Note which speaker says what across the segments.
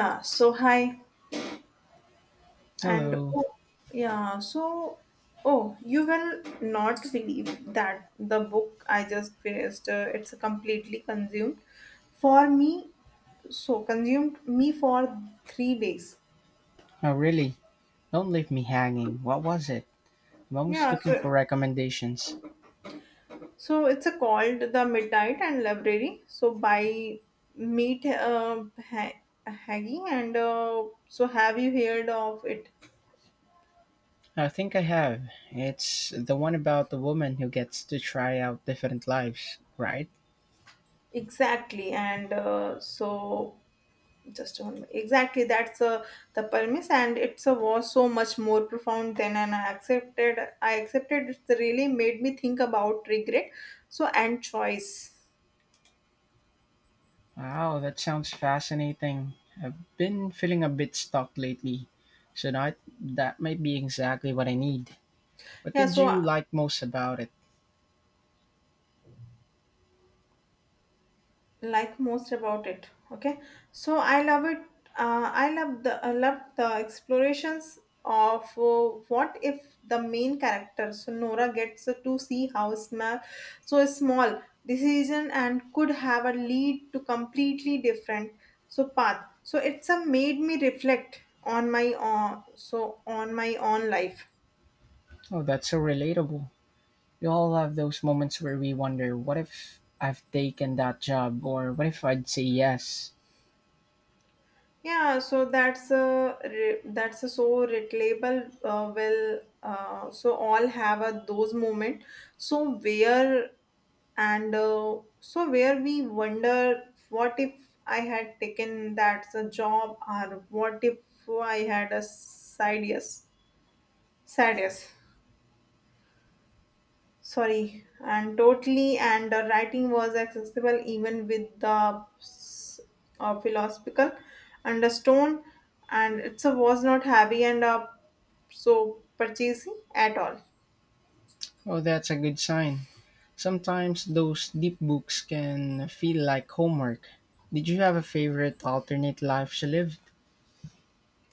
Speaker 1: Hi, and
Speaker 2: Hello.
Speaker 1: oh, yeah, so oh, you will not believe that the book I just finished, it's completely consumed for me. So consumed me for 3 days.
Speaker 2: Oh, really? Don't leave me hanging. What was it? I'm always
Speaker 1: Yeah,
Speaker 2: looking for
Speaker 1: so
Speaker 2: recommendations.
Speaker 1: it's a called The Midnight and Library. So by Meet Haggy, and so have you heard of it?
Speaker 2: I think I have. It's the one about the woman who gets to try out different lives, right?
Speaker 1: Exactly, and Just one minute. Exactly, that's the premise, and it's was so much more profound than and I accepted. I accepted it really made me think about regret, so and choice.
Speaker 2: Wow, that sounds fascinating. I've been feeling a bit stuck lately, so that might be exactly what I need. What
Speaker 1: Yeah,
Speaker 2: did
Speaker 1: so
Speaker 2: you like most about it?
Speaker 1: like most about it, okay, so I love it, I love the explorations of what if the main character, so Nora, gets to see how small, so a small, decision and could have a lead to completely different, so path, so it's a made me reflect on my on my own life.
Speaker 2: Oh, that's so relatable. We all have those moments where we wonder, what if I've taken that job, or what if I'd say yes?
Speaker 1: Yeah, so that's a re- that's a So relatable. So all have a those moment. So where and so where we wonder what if I had taken that's a job or what if I had a side yes, side yes. Sorry, and totally, and the writing was accessible even with the philosophical undertone, and it was not heavy and so purchasing at all.
Speaker 2: Oh, that's a good sign. Sometimes those deep books can feel like homework. Did you have a favorite alternate life she lived?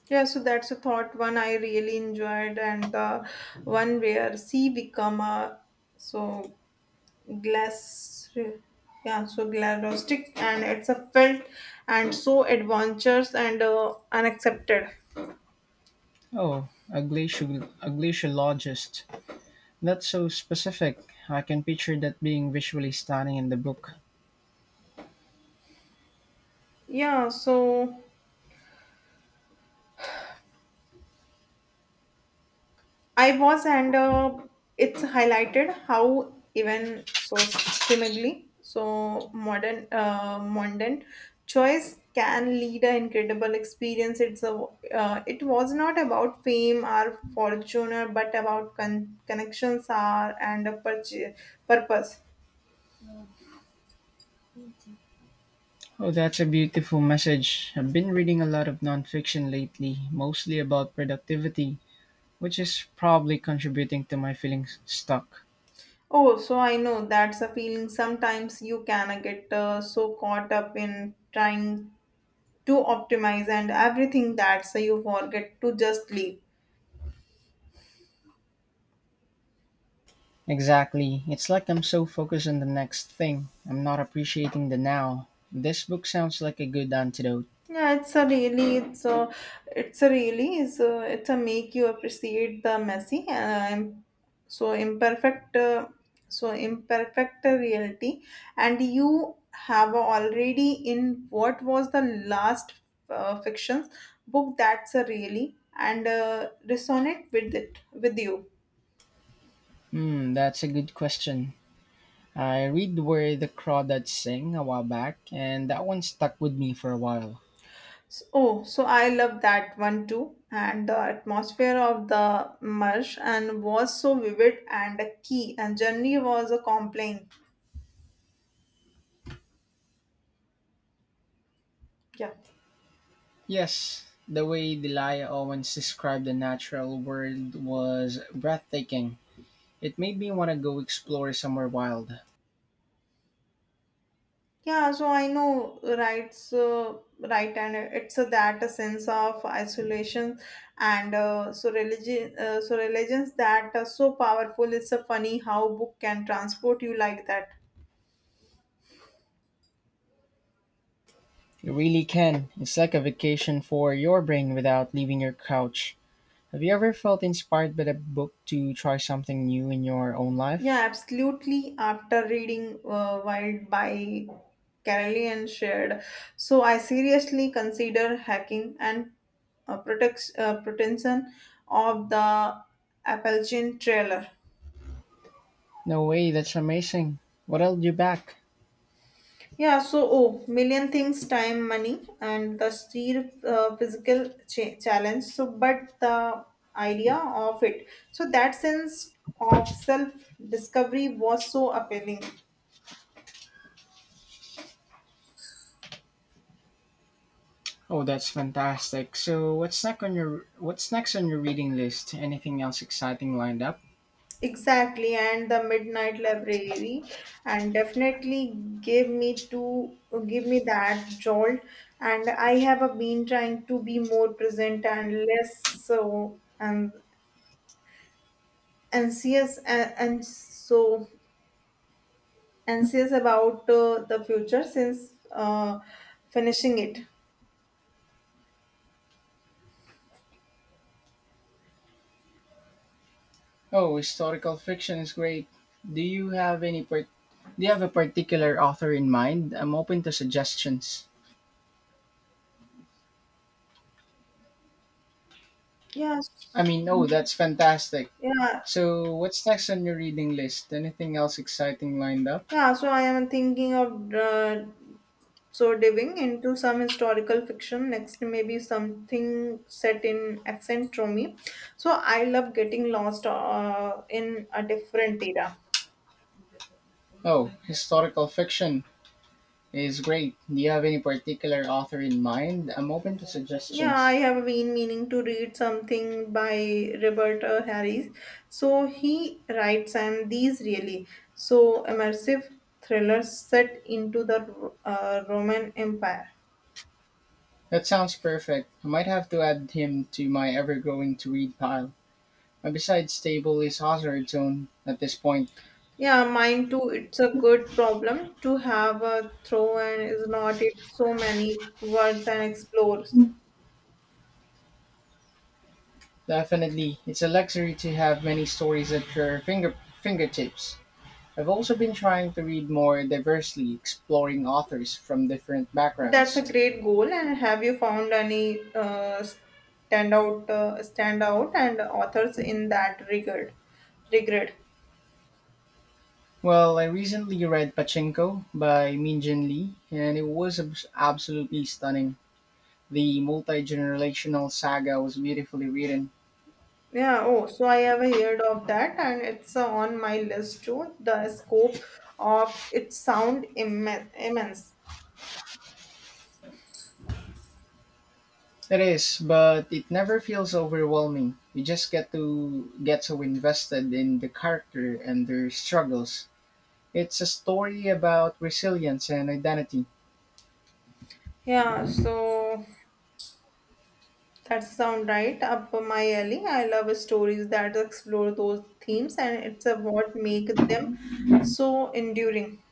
Speaker 1: That's a thought one, I really enjoyed, and the one where c become a, so, glass, yeah, so glarostic, and it's a felt and so adventures and unaccepted.
Speaker 2: Oh, a glaciologist. That's so specific. I can picture that being visually stunning in the book.
Speaker 1: yeah so I was, and it's highlighted how even so seemingly so modern, modern choice can lead an incredible experience. It's a it was not about fame or fortune, or but about connections are and a purpose.
Speaker 2: Oh, that's a beautiful message. I've been reading a lot of nonfiction lately, mostly about productivity, which is probably contributing to my feeling stuck.
Speaker 1: Oh, so I know that's a feeling. Sometimes you can get so caught up in trying to optimize and everything, that so you forget to just leave.
Speaker 2: Exactly. It's like I'm so focused on the next thing, I'm not appreciating the now. This book sounds like a good antidote.
Speaker 1: Yeah, it's a really, is a, it's a make you appreciate the messy and so imperfect, uh, so imperfect reality, and you have already in what was the last fiction book that's a really and resonate with it with you.
Speaker 2: Hmm, that's a good question. I read Where the Crawdads Sing a while back, and that one stuck with me for a while.
Speaker 1: I love that one too. And the atmosphere of the marsh and was so vivid and key. And Germany was a complaint. Yeah,
Speaker 2: Yes, the way Delia Owens described the natural world was breathtaking. It made me want to go explore somewhere wild.
Speaker 1: I know, right? So right, and it's a that a sense of isolation and so religions that are so powerful. It's a funny how book can transport you like that.
Speaker 2: You really can. It's like a vacation for your brain without leaving your couch. Have you ever felt inspired by a book to try something new in your own life?
Speaker 1: Yeah, absolutely. After reading Wild by Carolyn shared, so I seriously consider hacking and protection of the Appalachian trailer.
Speaker 2: No way, that's amazing. What held you back?
Speaker 1: Million things, time, money, and the sheer challenge. So, but the idea of it, so that sense of self discovery was so appealing.
Speaker 2: Oh, that's fantastic. So, what's next on your reading list? Anything else exciting lined up?
Speaker 1: Exactly, and the Midnight Library, and definitely give me to give me that jolt. And I have been trying to be more present and less so and anxious and so anxious about the future since finishing it.
Speaker 2: Oh, historical fiction is great. Do you have any part, do you have a particular author in mind? I'm open to suggestions.
Speaker 1: Yeah,
Speaker 2: I mean, oh, that's fantastic.
Speaker 1: yeah,
Speaker 2: So, what's next on your reading list? Anything else exciting lined up?
Speaker 1: I am thinking of. So, diving into some historical fiction next, maybe something set in accent Rome. So, I love getting lost in a different era.
Speaker 2: Oh, historical fiction is great. Do you have any particular author in mind? I'm open to
Speaker 1: Yeah, I
Speaker 2: suggestions.
Speaker 1: have been meaning to read something by Robert Harris. So, he writes, and these really so immersive thrillers set into the Roman Empire.
Speaker 2: That sounds perfect. I might have to add him to my ever growing to read pile. My besides stable is Hazard's own at this point.
Speaker 1: Yeah, mine too. It's a good problem to have a throw and is not it so many words and explores.
Speaker 2: Definitely, it's a luxury to have many stories at your fingertips. I've also been trying to read more diversely, exploring authors from different
Speaker 1: That's a
Speaker 2: backgrounds.
Speaker 1: great goal. And have you found any standout and authors in that regard? Regard.
Speaker 2: Well, I recently read Pachinko by Min Jin Lee, and it was absolutely stunning. The multi-generational saga was beautifully written.
Speaker 1: I have heard of that, and it's on my list too. The scope of it sound immense.
Speaker 2: It is, but it never feels overwhelming. You just get so invested in the character and their struggles. It's a story about resilience and identity.
Speaker 1: Yeah, so That sound right up my alley. I love stories that explore those themes, and it's a what make them so enduring.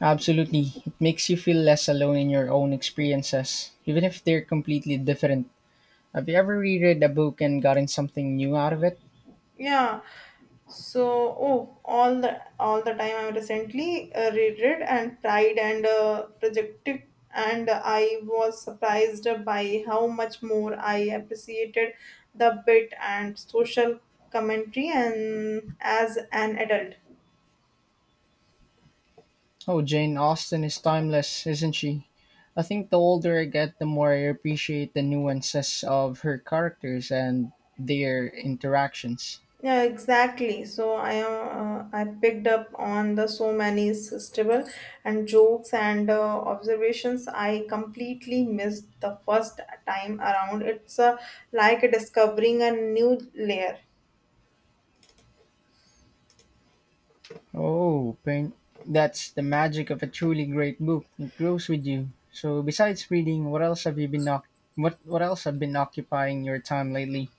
Speaker 2: Absolutely. It makes you feel less alone in your own experiences, even if they're completely different. Have you ever reread a book and gotten something new out of it?
Speaker 1: Yeah. All the time, I recently read and tried and projected, and I was surprised by how much more I appreciated the bit and social commentary and as an adult.
Speaker 2: Oh, Jane Austen is timeless, isn't she? I think the older I get, the more I appreciate the nuances of her characters and their interactions.
Speaker 1: Yeah, exactly. I picked up on the so many sisterable and jokes and observations I completely missed the first time around. It's like discovering a new layer.
Speaker 2: Oh, pain. That's the magic of a truly great book. It grows with you. So, besides reading, what else have been occupying your time lately?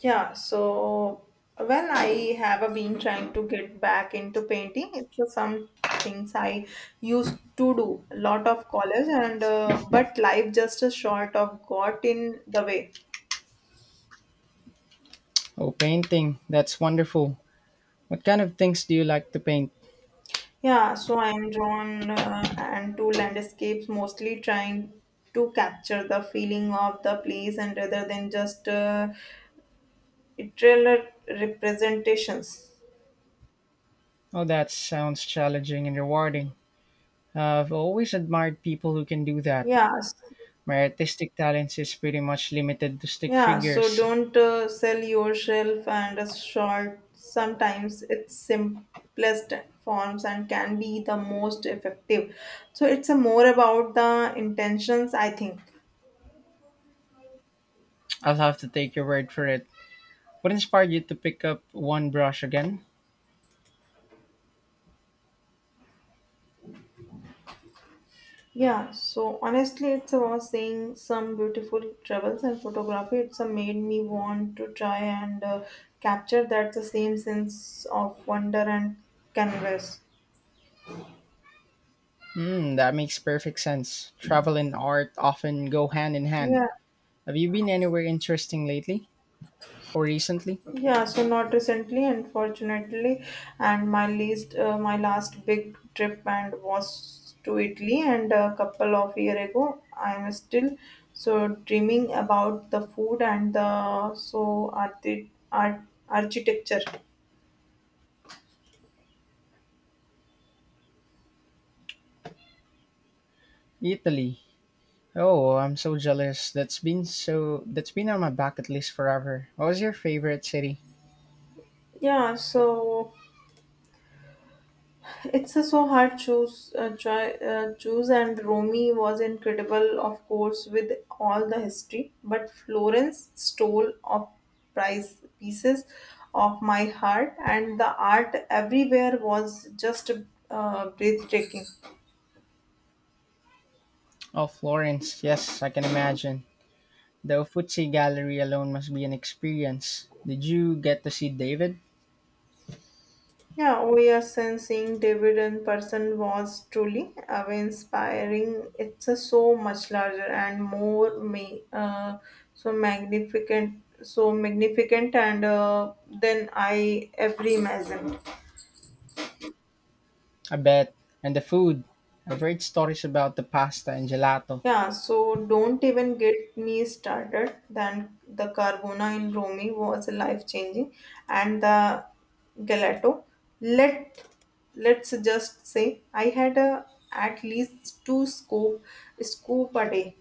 Speaker 1: Yeah, so well, I have been trying to get back into painting. It's some things I used to do a lot of college and but life just sort of got in the way.
Speaker 2: Oh, painting. That's wonderful. What kind of things do you like to paint?
Speaker 1: I'm drawn and to landscapes, mostly trying to capture the feeling of the place and rather than just literal representations.
Speaker 2: Oh, that sounds challenging and rewarding. I've always admired people who can do that.
Speaker 1: Yeah, s-
Speaker 2: My artistic talents is pretty much limited to stick figures.
Speaker 1: don't sell yourself and a short. Sometimes it's simplest forms and can be the most effective. So it's a more about the intentions, I think.
Speaker 2: I'll have to take your word for it. What inspired you to pick up one brush again?
Speaker 1: Honestly, it's about seeing some beautiful travels and photography. It's made me want to try and capture that the same sense of wonder and canvas.
Speaker 2: Hmm, that makes perfect sense. Travel and art often go hand in hand.
Speaker 1: Yeah,
Speaker 2: Have you been anywhere interesting lately or recently?
Speaker 1: not recently, unfortunately, and my last big trip and was to Italy, and a couple of year ago. I am still so dreaming about the food and the art architecture.
Speaker 2: Italy. Oh, I'm so jealous. That's been on my bucket list forever. What was your favorite city?
Speaker 1: Yeah, so it's a so hard choose. Choose and Romy was incredible, of course, with all the history. But Florence stole of prize pieces of my heart, and the art everywhere was just breathtaking.
Speaker 2: Oh, Florence. Yes, I can imagine. The Uffizi Gallery alone must be an experience. Did you get to see David?
Speaker 1: Yeah, we are sensing David in person was truly inspiring. It's a so much larger and more so magnificent, and than I ever imagined.
Speaker 2: I bet. And the food. I've read stories about the pasta and gelato.
Speaker 1: Don't even get me started. Then the Carbona in Romy was life changing, and the Gelato. Let let's just say I had a, at least two scoop scoop a day.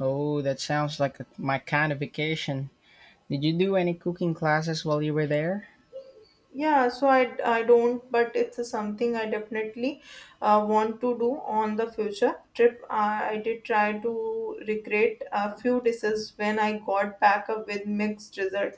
Speaker 2: Oh, that sounds like a, my kind of vacation. Did you do any cooking classes while you were there?
Speaker 1: Yeah, so I don't, but it's something I definitely want to do on the future trip. I did try to recreate a few dishes when I got back up with mixed result.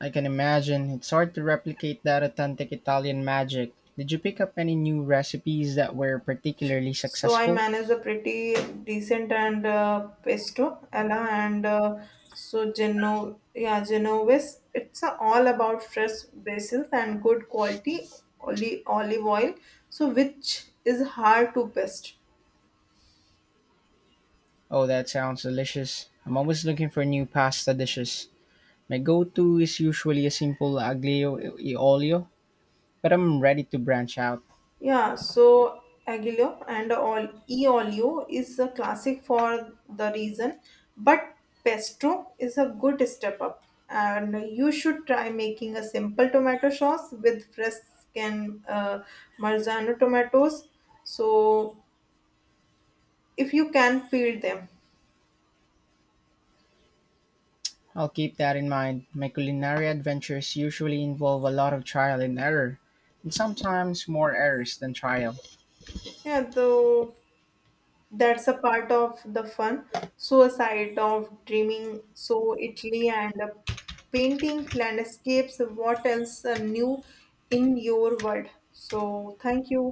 Speaker 2: I can imagine. It's hard to replicate that authentic Italian magic. Did you pick up any new recipes that were particularly
Speaker 1: So I
Speaker 2: successful?
Speaker 1: managed a pretty decent and pesto ella and so geno yeah genovese. It's all about fresh basil and good quality olive oil. So which is hard to best.
Speaker 2: Oh, that sounds delicious. I'm always looking for new pasta dishes. My go to is usually a simple aglio e olio, but I'm ready to branch out.
Speaker 1: Aguilio and all e Eolio is a classic for the reason, but pesto is a good step up, and you should try making a simple tomato sauce with fresh skin Marzano tomatoes. So if you can peel them,
Speaker 2: I'll keep that in mind. My culinary adventures usually involve a lot of trial and error, and sometimes more errors than trial.
Speaker 1: yeah, though that's a part of the fun. So aside of dreaming, so Italy and painting landscapes, what else new in your world? So thank you.